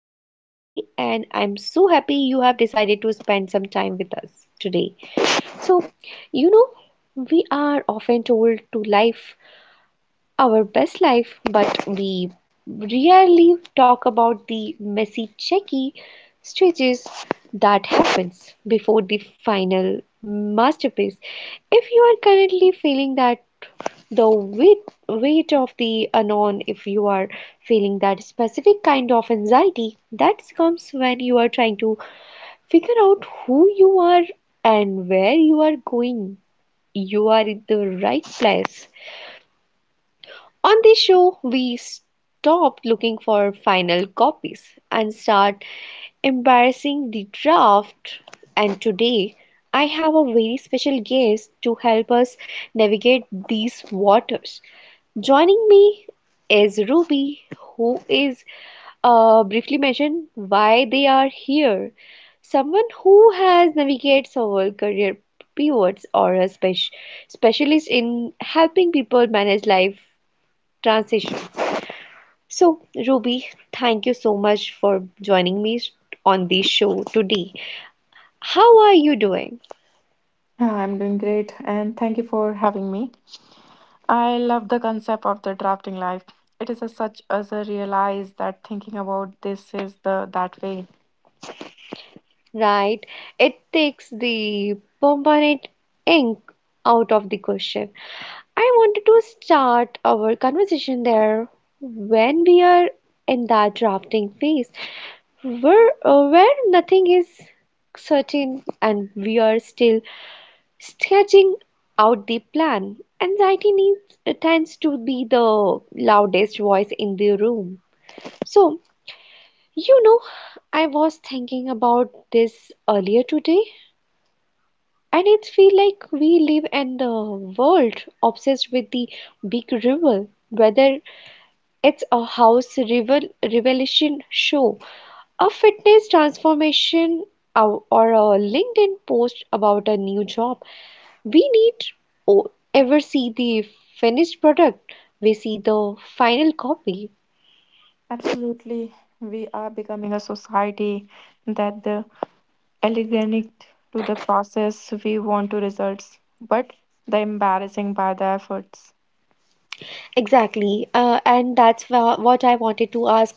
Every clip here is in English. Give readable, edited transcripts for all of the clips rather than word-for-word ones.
host Nancy, and I'm so happy you have decided to spend some time with us today. So, you know, we are often told to life our best life, but we rarely talk about the messy, checky stages that happens before the final masterpiece. If you are currently feeling that the weight of the unknown, if you are feeling that specific kind of anxiety that comes when you are trying to figure out who you are and where you are going, you are in the right place. On this show, we stop looking for final copies and start embarrassing the draft. And today, I have a very special guest to help us navigate these waters. Joining me is Ruby, who is briefly mentioned why they are here. Someone who has navigated several career pivots or a specialist in helping people manage life transitions. So, Ruby, thank you so much for joining me on the show today. How are you doing? Yeah, I'm doing great and thank you for having me. I love the concept of the drafting life. It is a such as a realize that thinking about this is the that way. Right? It takes the permanent ink out of the question. I wanted to start our conversation there when we are in that drafting phase where nothing is certain and we are still sketching out the plan. Tends to be the loudest voice in the room. So, you know, I was thinking about this earlier today, and it feels like we live in the world obsessed with the big rival, whether it's a house rival revelation show, a fitness transformation, or a LinkedIn post about a new job. We need ever see the finished product. We see the final copy. Absolutely. We are becoming a society that the elegant to the process we want to results, but the embarrassing by the efforts. Exactly. And that's what I wanted to ask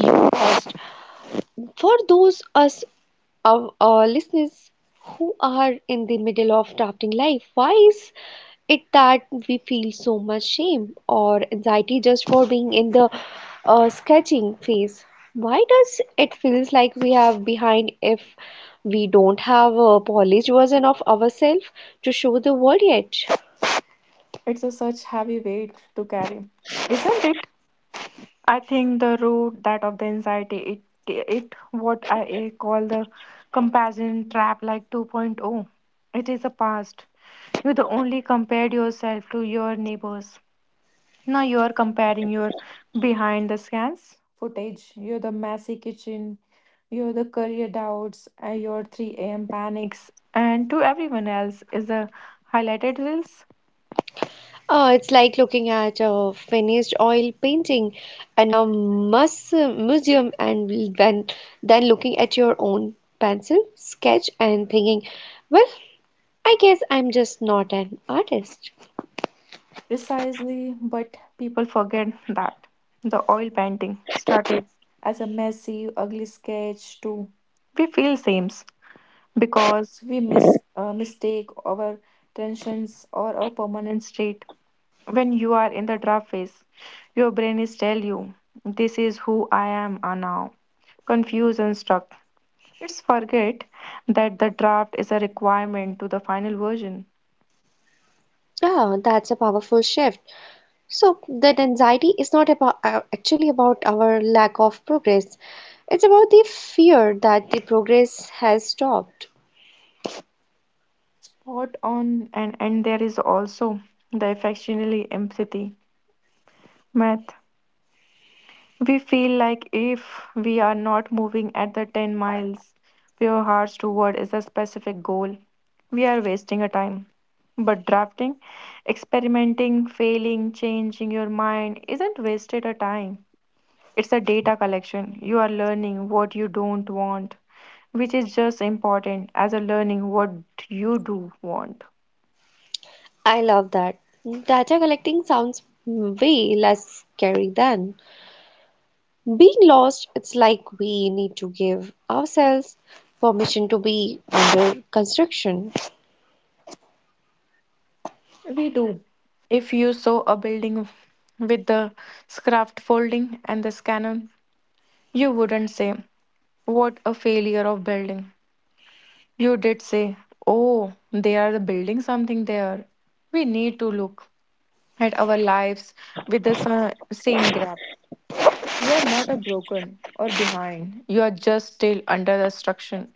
you first. For those us of our listeners who are in the middle of drafting life, why is it that we feel so much shame or anxiety just for being in the sketching phase? Why does it feels like we have behind if we don't have a polished version of ourselves to show the world yet? It's a such heavy weight to carry. Isn't it? I think the root that of the anxiety it what I call the comparison trap like 2.0. It is a past. You the only compared yourself to your neighbors. Now you are comparing your behind the scans footage. You're the messy kitchen. You're the career doubts. And your 3 a.m. panics. And to everyone else is the highlighted reels. Oh, it's like looking at a finished oil painting in a museum and then looking at your own pencil sketch and thinking, well, I guess I'm just not an artist. Precisely, but people forget that the oil painting started as a messy, ugly sketch too. We feel same because we mistake our tensions or a permanent state. When you are in the draft phase, your brain is tell you, "This is who I am now." Confused and stuck. It's forget that the draft is a requirement to the final version. Oh, that's a powerful shift. So that anxiety is not about actually about our lack of progress. It's about the fear that the progress has stopped. Spot on, and there is also the affectionately empathy math. We feel like if we are not moving at the 10 miles pure hearts toward is a specific goal, we are wasting a time. But drafting, experimenting, failing, changing your mind isn't wasted a time. It's a data collection. You are learning what you don't want, which is just important as a learning what you do want. I love that. Data collecting sounds way less scary than being lost. It's like we need to give ourselves permission to be under construction. We do. If you saw a building with the scarft folding and this cannon, you wouldn't say, what a failure of building. You did say, oh, they are building something there. We need to look at our lives with the same grab. You are not a broken or behind. You are just still under destruction.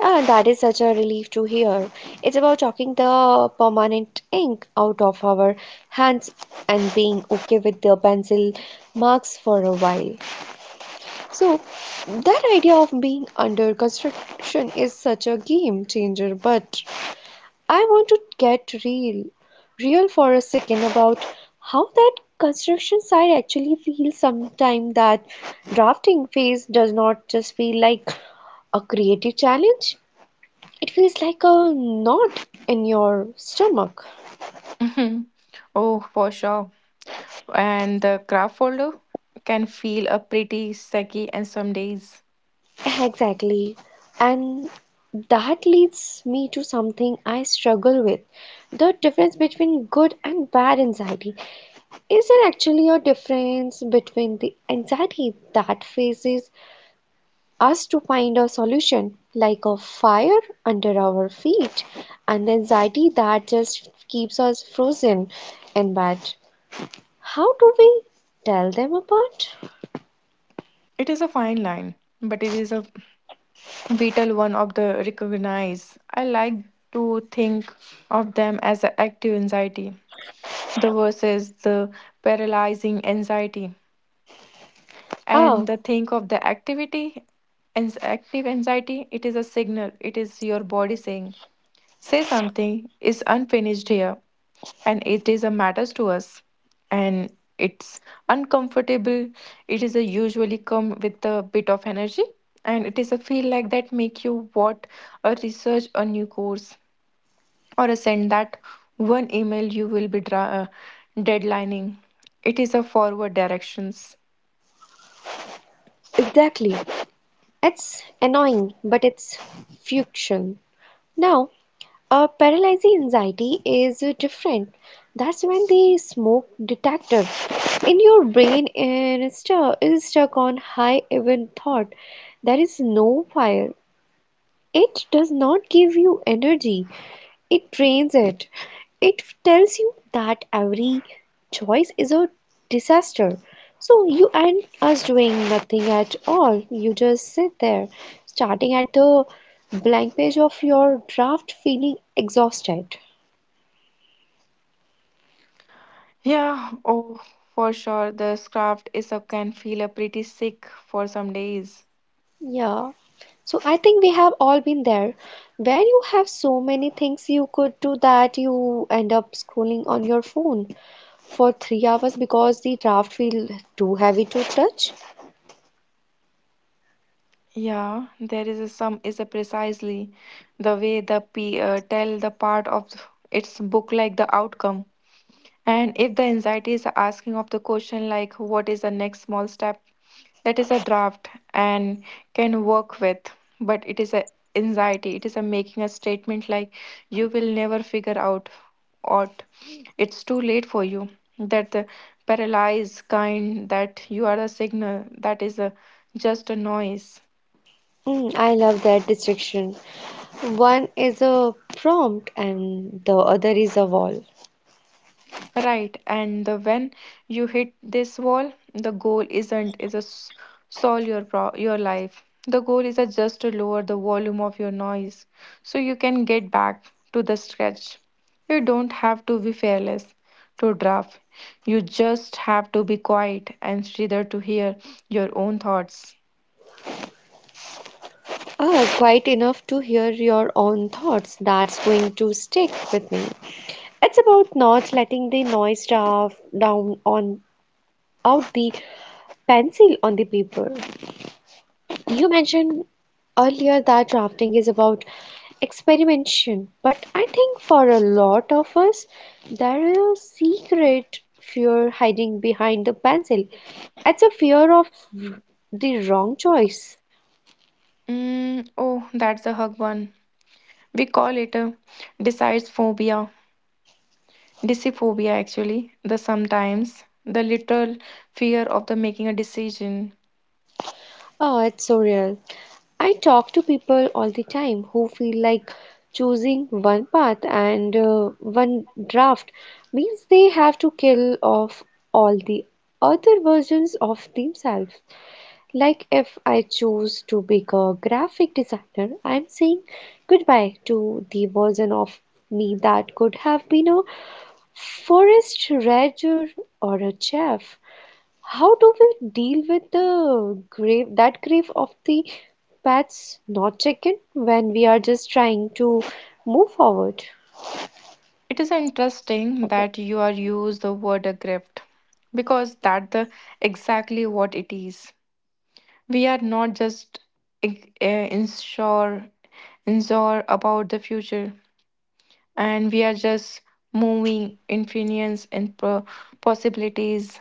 Ah, that is such a relief to hear. It's about talking the permanent ink out of our hands and being okay with the pencil marks for a while. So, that idea of being under construction is such a game changer, but I want to real for a second about how that construction site actually feels sometimes. That drafting phase does not just feel like a creative challenge, it feels like a knot in your stomach. Mhm. Oh, for sure. And the craft folder can feel a pretty sacky and some days. Exactly. And that leads me to something I struggle with: the difference between good and bad anxiety. Is there actually a difference between the anxiety that faces us to find a solution, like a fire under our feet, and the anxiety that just keeps us frozen in bed? How do we tell them apart? It is a fine line, but it is a vital one of the recognize. I like to think of them as the active anxiety, the versus the paralyzing anxiety. And Ah, the think of the activity and active anxiety, it is a signal. It is your body saying, say something is unfinished here and it is a matters to us and it's uncomfortable, it is a usually come with a bit of energy and it is a feel like that make you what a research a new course or a send that one email you will be deadlining it is a forward directions. exactly. It's annoying, but it's fiction. Now, a paralyzing anxiety is different. That's when the smoke detector in your brain and stuck is stuck on high even thought. There is no fire. It does not give you energy, it drains it. It tells you that every choice is a disaster. So you end us doing nothing at all. You just sit there, starting at the blank page of your draft, feeling exhausted. Yeah, oh, for sure the craft is a can feel a pretty sick for some days. Yeah. So I think we have all been there where you have so many things you could do that you end up scrolling on your phone for 3 hours because the draft feel too heavy to touch. Yeah, there is a sum is a precisely the way the p tell the part of its book like the outcome. And if the anxiety is asking of the question like what is the next small step, that is a draft and can work with. But it is a anxiety. It is a making a statement like you will never figure out what it's too late for you. That the paralyzed kind that you are a signal that is a, just a noise. Mm, I love that distinction. One is a prompt and the other is a wall. Right, and the when you hit this wall, the goal isn't is a solve your your life. The goal is a just to lower the volume of your noise so you can get back to the stretch. You don't have to be fearless to draft. You just have to be quiet and either to hear your own thoughts. Ah, quite enough to hear your own thoughts. That's going to stick with me. It's about not letting the noise draft down on out the pencil on the paper. You mentioned earlier that drafting is about experimentation. But I think for a lot of us, there is a secret fear hiding behind the pencil. It's a fear of the wrong choice. Mm, oh, that's a hug one. We call it a decides phobia, Deciphobia, actually, the sometimes, the literal fear of the making a decision. Oh, it's so real. I talk to people all the time who feel like choosing one path and one draft means they have to kill off all the other versions of themselves. Like if I choose to be a graphic designer, I'm saying goodbye to the version of me that could have been a forest ranger or a chef. How do we deal with the grave that grief of the past not taken when we are just trying to move forward? It is interesting that you are use the word a grift because that the exactly what it is. We are not just uh, insure insure about the future, and we are just moving infinite and possibilities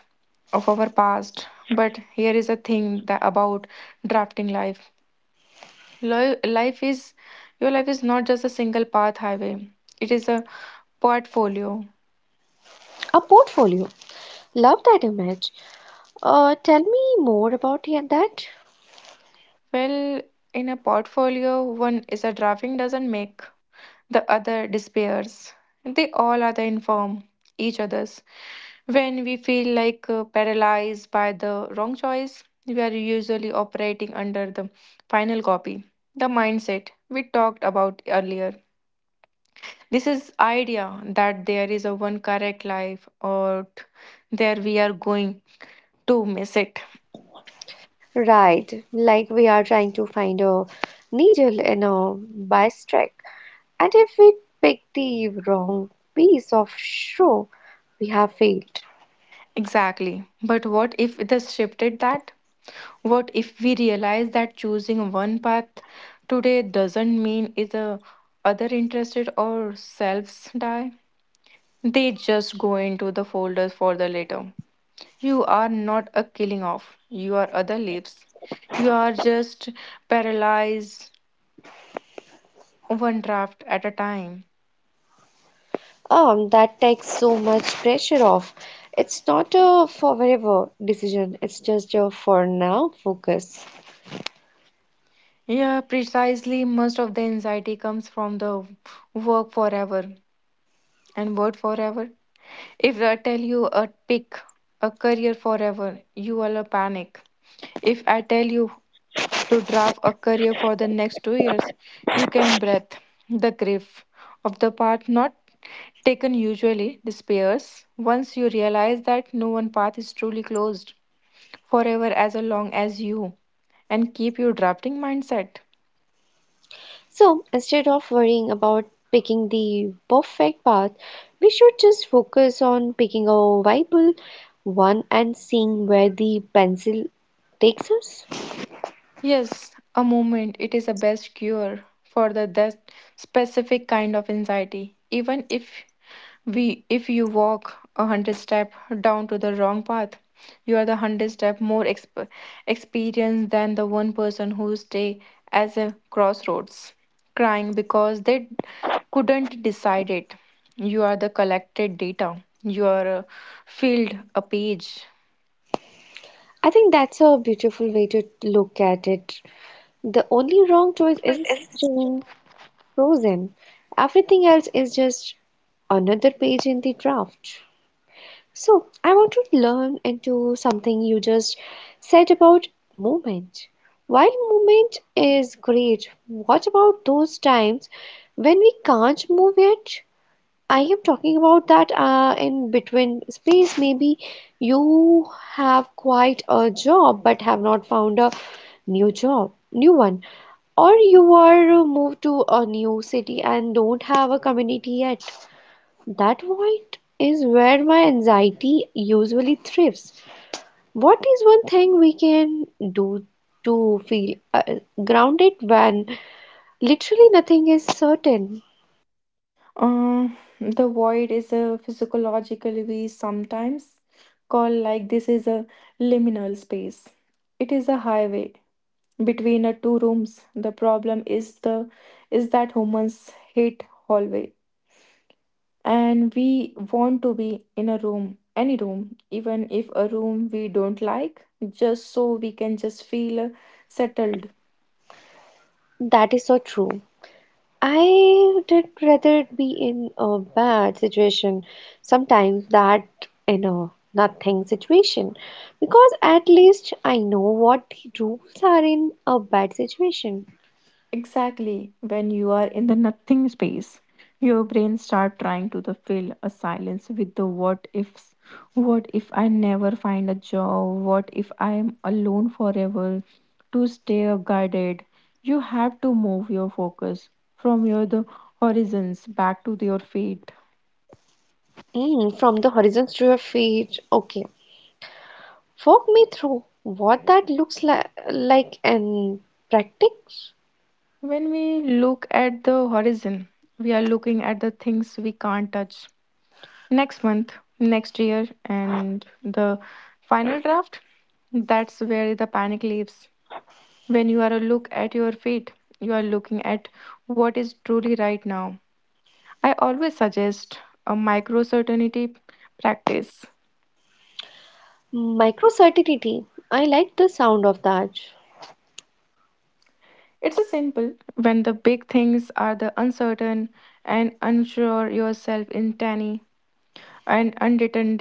of our past. But here is a thing that about drafting life. Life is your life is not just a single path highway, it is a portfolio. A portfolio. Love that image. Tell me more about yeah, that. Well, in a portfolio one is a driving doesn't make the other despairs, they all are the inform each others. When we feel like paralyzed by the wrong choice we are usually operating under the final copy, the mindset we talked about earlier, this is idea that there is a one correct life or there we are going to miss it. Right, like we are trying to find a needle in a haystack. And if we pick the wrong piece of shoe, we have failed. Exactly, but what if it is shifted that, what if we realize that choosing one path today doesn't mean is either other interested or selves die, they just go into the folders for the later. You are not a killing off, you are other leaves, you are just paralyzed one draft at a time. That takes so much pressure off. It's not a forever decision, it's just a for now focus. Yeah, precisely. Most of the anxiety comes from the work forever and word forever. If I tell you a pick a career forever, you will a panic. If I tell you to draft a career for the next 2 years, you can breath. The grief of the path not taken usually despairs once you realize that no one path is truly closed forever as long as you and keep your drafting mindset. So instead of worrying about picking the perfect path, we should just focus on picking a viable one and seeing where the pencil takes us. Yes, a moment. It is a best cure for the that specific kind of anxiety. Even if we if you walk a hundred step down to the wrong path, you are the hundred step more experienced than the one person who stay as a crossroads, crying because they couldn't decide it. You are the collected data. You are a field, a page. I think that's a beautiful way to look at it. The only wrong choice is staying frozen. Everything else is just another page in the draft. So, I want to learn into something you just said about movement. While movement is great, what about those times when we can't move yet? I am talking about that in between space. Maybe you have quite a job but have not found a new one, or you are moved to a new city and don't have a community yet. That void is where my anxiety usually thrives. What is one thing we can do to feel grounded when literally nothing is certain? Uh, the void is a physiological we sometimes call like this is a liminal space. It is a highway between a two rooms. The problem is the is that humans hate hallway and we want to be in a room, any room, even if a room we don't like, just so we can just feel settled. That is so true. I did rather be in a bad situation sometimes that in a nothing situation because at least I know what the rules are in a bad situation. Exactly. When you are in the nothing space, your brain start trying to the fill a silence with the what ifs. What if I never find a job? What if I am alone forever? To stay guided, you have to move your focus from your the horizons back to your feet. Mm, from the horizons to your feet. Okay, walk me through what that looks li like in practice. When we look at the horizon, we are looking at the things we can't touch next month, next year, and the final draft. That's where the panic leaves. When you are a look at your feet, you are looking at what is truly right now. I always suggest a micro certainty practice. Microcertinity. I like the sound of that. It's a simple when the big things are the uncertain and unsure yourself in tiny an unwritten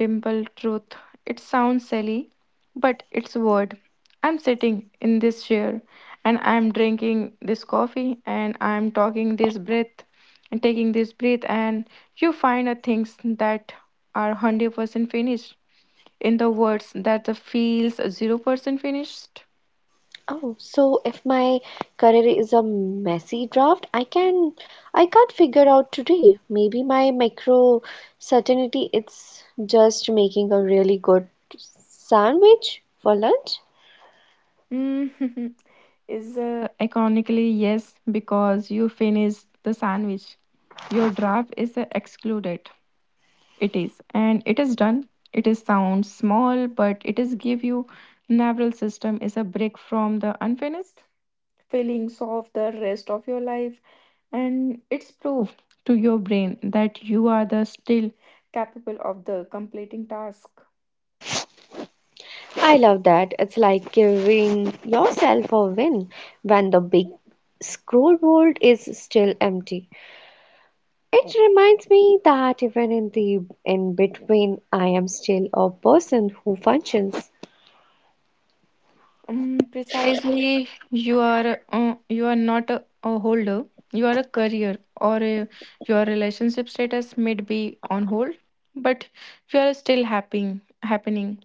truth. It sounds silly, but it's word. I'm sitting in this chair and I'm drinking this coffee and I'm talking this breath and taking this breath and you find a things that are 100% finished in the words that the feels 0% finished. Oh, so if my career is a messy draft, I can't figure out today. Maybe my micro certainty it's just making a really good sandwich for lunch. Mm, is iconically yes because you finish the sandwich. Your draft is excluded. It is, and it is done. It is sound small, but it is give you nervous system is a break from the unfinished feelings of the rest of your life, and it's proof to your brain that you are the still capable of the completing task. I love that. It's like giving yourself a win when the big scrollboard is still empty. It reminds me that even in the in between I am still a person who functions. Precisely, you are not a holder. You are a career or a, your relationship status may be on hold, but you are still happy happening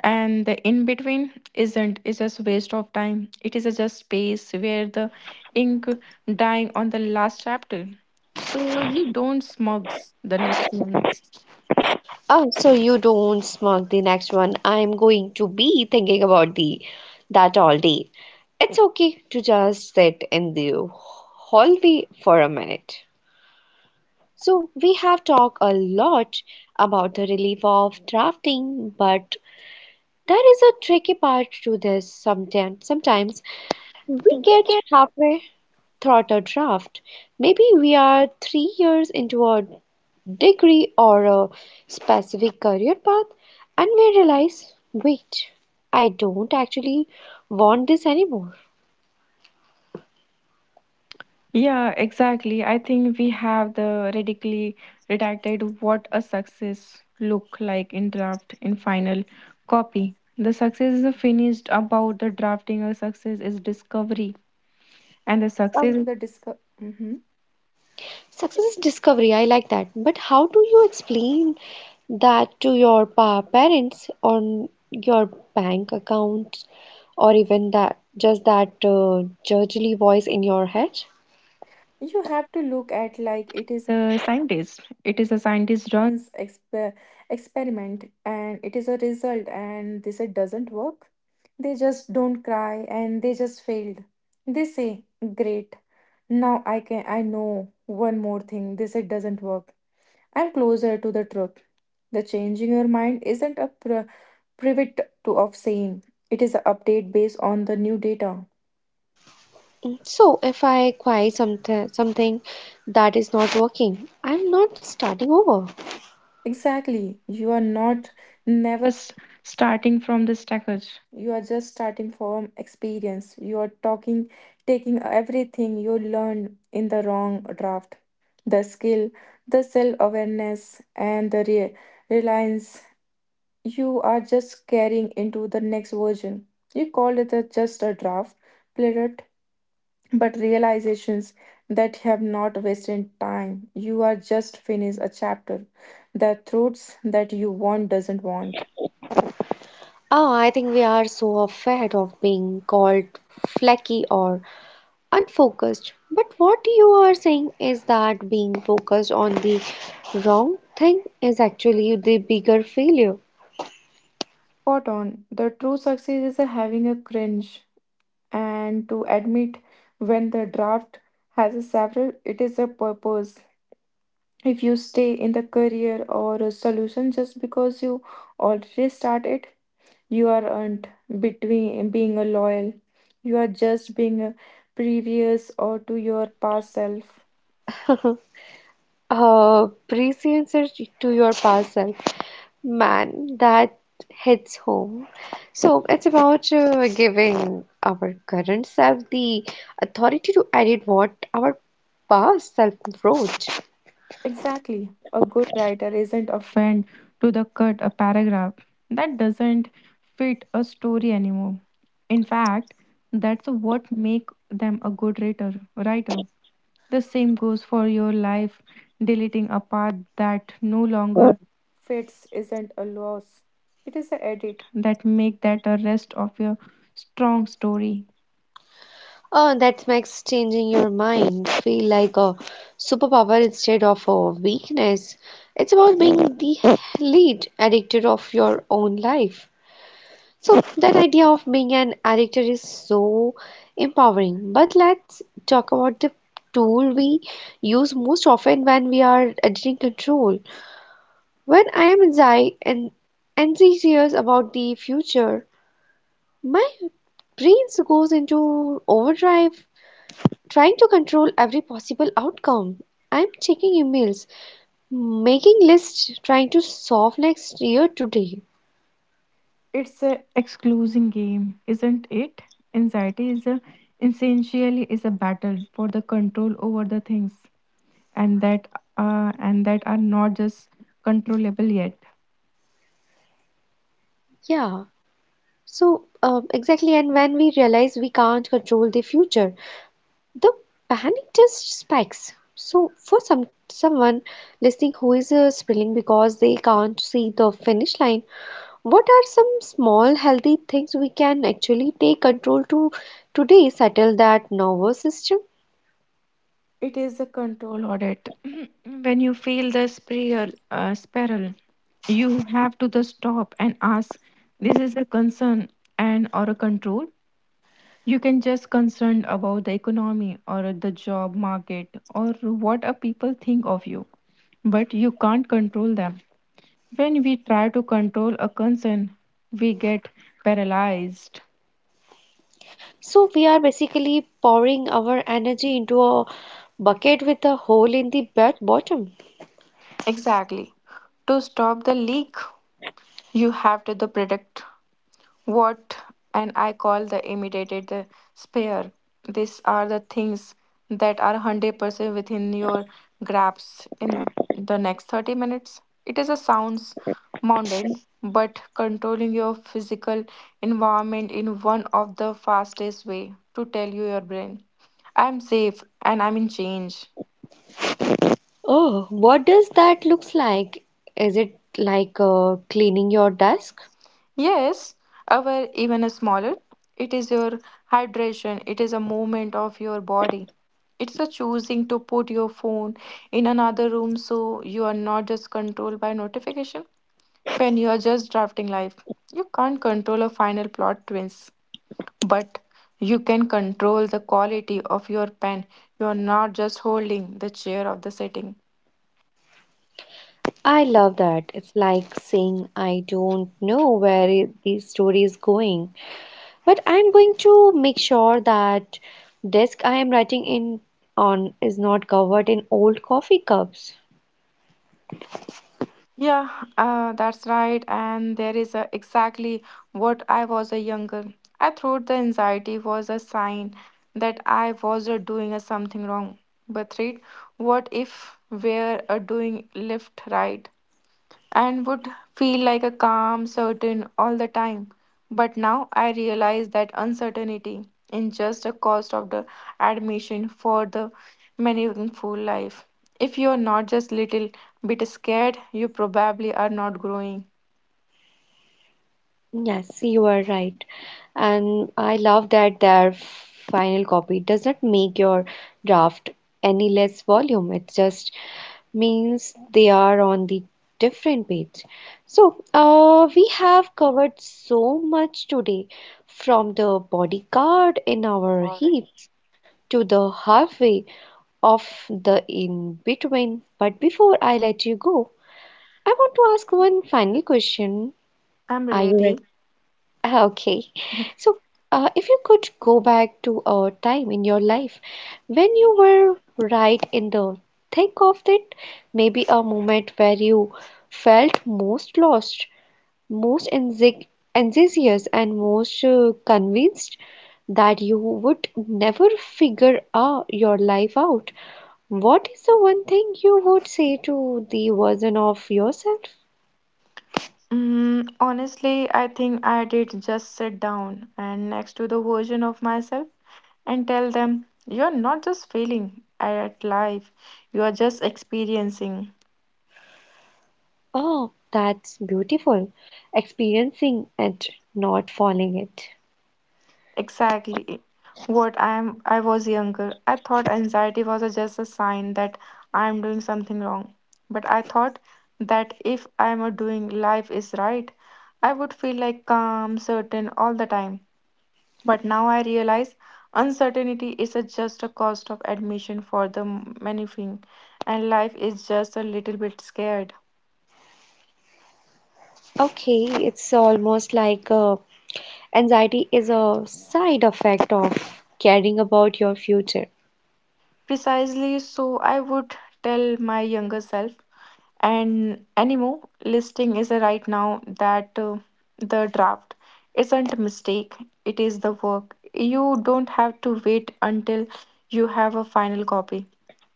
and the in between isn't is just waste of time, it is a just space where the ink dying on the last chapter so you don't smugs the next one. Oh, so you don't smirk the next one. I'm going to be thinking about the that all day. It's okay to just sit in the hallway for a minute. So we have talked a lot about the relief of drafting, but there is a tricky part to this sometimes. Sometimes we We get get, halfway through a draft. Maybe we are 3 years into a degree or a specific career path and we realize, wait, I don't actually want this anymore. yeah, exactly, I think we have the radically redacted what a success look like in draft in final copy, the success is a finished about the drafting a success is discovery and the success Wow. is the discovery. Success is discovery. I like that, but how do you explain that to your parents on your bank accounts or even that just that judgely voice in your head? You have to look at like it is a scientist, it is a scientist runs experiment and it is a result and this it doesn't work, they just don't cry and they just failed, they say great, now I can I know one more thing this it doesn't work, I'm closer to the truth. The changing your mind isn't a pivot to of same, it is an update based on the new data. Mm, so if I acquire something that is not working I'm not starting over. Exactly. You are not never just starting from the stackage. You are just starting from experience. You are talking taking everything you learned in the wrong draft. The skill, the self-awareness and the reliance you are just carrying into the next version. You call it a, just a draft, player but realizations that have not wasted time. You are just finished a chapter. The truths that you want doesn't want. Oh, I think we are so afraid of being called flaky or unfocused. But what you are saying is that being focused on the wrong thing is actually the bigger failure. Spot on. The true success is a having a cringe and to admit when the draft has a several, it is a purpose. If you stay in the career or a solution just because you already started, you aren't between being a loyal, you are just being a previous or to your past self. Prescience to your past self. Man, that hits home. So it's about giving our current self the authority to edit what our past self wrote. Exactly, a good writer isn't a friend to the cut a paragraph that doesn't fit a story anymore. In fact, that's what make them a good writer The same goes for your life. Deleting a path that no longer fits isn't a loss, it is an edit that make that a rest of your strong story. Oh, that makes changing your mind feel like a superpower instead of a weakness. It's about being the lead addictor of your own life. So, that idea of being an addictor is so empowering. But let's talk about the tool we use most often when we are addicting control. When I am anxious about the future, my brain goes into overdrive trying to control every possible outcome. I'm checking emails, making lists, trying to solve next year today. It's a excluding game, isn't it? Anxiety is a essentially is a battle for the control over the things and that, and that are not just controllable yet. Yeah. So exactly, and when we realize we can't control the future, the panic just spikes. So for someone listening who is spilling because they can't see the finish line, what are some small healthy things we can actually take control to today settle that nervous system? It is a control audit. When you feel the spiral, you have to the stop and ask, this is a concern and or a control. You can just concerned about the economy or the job market or what a people think of you, but you can't control them. When we try to control a concern, we get paralyzed. So we are basically pouring our energy into a bucket with a hole in the bottom. Exactly. To stop the leak, you have to the predict what and I call the immediate spare. These are the things that are 100% within your grasp in the next 30 minutes. It is a sounds mountain, but controlling your physical environment in one of the fastest way to tell you your brain, I'm safe and I'm in change. Oh, what does that looks like? Is it like cleaning your desk? Yes, our even a smaller. It is your hydration. It is a movement of your body. It's a choosing to put your phone in another room so you are not just controlled by notification. When you are just drafting life, you can't control a final plot twins, but you can control the quality of your pen. You are not just holding the chair of the setting. I love that. It's like saying I don't know where the story is going, but I'm going to make sure that desk I am writing in on is not covered in old coffee cups. Yeah, that's right. And there is a, exactly what I was a younger. I thought the anxiety was a sign that I was a doing a something wrong. But read, what if we're a doing left right? And would feel like a calm, certain all the time. But now I realize that uncertainty is just a cost of the admission for the meaningful life. If you're not just little bit scared, you probably are not growing. Yes, you are right. And I love that their final copy does not make your draft any less volume. It just means they are on the different page. So, we have covered so much today from the bodyguard in our heats to the halfway of the in between. But before I let you go, I want to ask one final question. I'm Are you ready. ready? Ah, okay. So, if you could go back to a time in your life when you were right in the thick of it, maybe a moment where you felt most lost, most enthusiastic, and most convinced that you would never figure out your life out, what is the one thing you would say to the version of yourself? Mm, honestly, I think I did just sit down and next to the version of myself and tell them, you're not just failing at life, you are just experiencing. Oh, that's beautiful. Experiencing it, not falling it. Exactly. What I was younger. I thought anxiety was just a sign that I am doing something wrong. But I thought that if I am a doing life is right, I would feel like calm, certain all the time. But now I realize uncertainty is a just a cost of admission for the many thing and life is just a little bit scared. Okay, it's almost like anxiety is a side effect of caring about your future. Precisely, so I would tell my younger self and animo listing is a right now that the draft isn't a mistake, it is the work. You don't have to wait until you have a final copy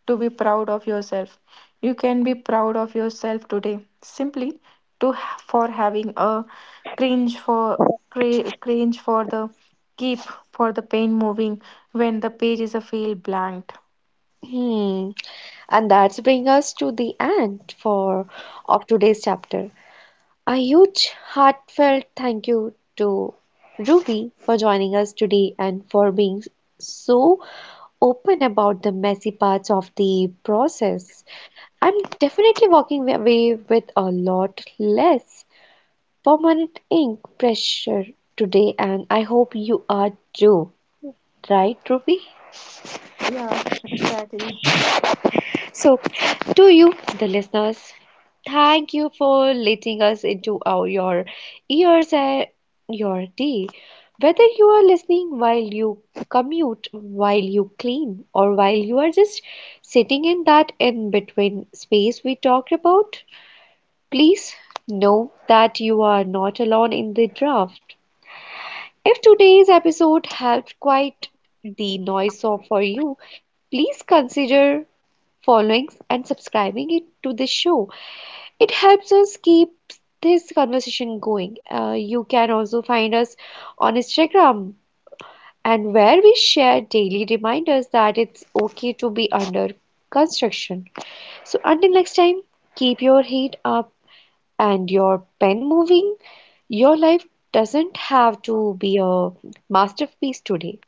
to be proud of yourself, you can be proud of yourself today simply to for having a cringe for cringe for the keep for the pain moving when the page is a feel blanked. Hmm. And that's bring us to the end for of today's chapter. A huge heartfelt thank you to Ruby for joining us today and for being so open about the messy parts of the process. I'm definitely walking away with a lot less permanent ink pressure today, and I hope you are too. Right, Ruby? Yeah, exactly. So, to you, the listeners, thank you for letting us into our, your ears and your day. Whether you are listening while you commute, while you clean, or while you are just sitting in that in between space we talked about, please know that you are not alone in the draft. If today's episode helped quiet the noise off for you, please consider following and subscribing it to the show. It helps us keep this conversation going. You can also find us on Instagram and where we share daily reminders that it's okay to be under construction. So until next time, keep your head up and your pen moving. Your life doesn't have to be a masterpiece today.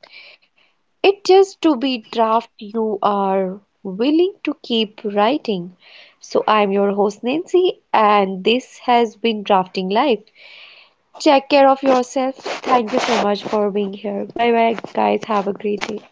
It just to be draft you are willing to keep writing. So I'm your host Nancy and this has been Drafting Life. Take care of yourself. Thank you so much for being here. Bye bye guys. Have a great day.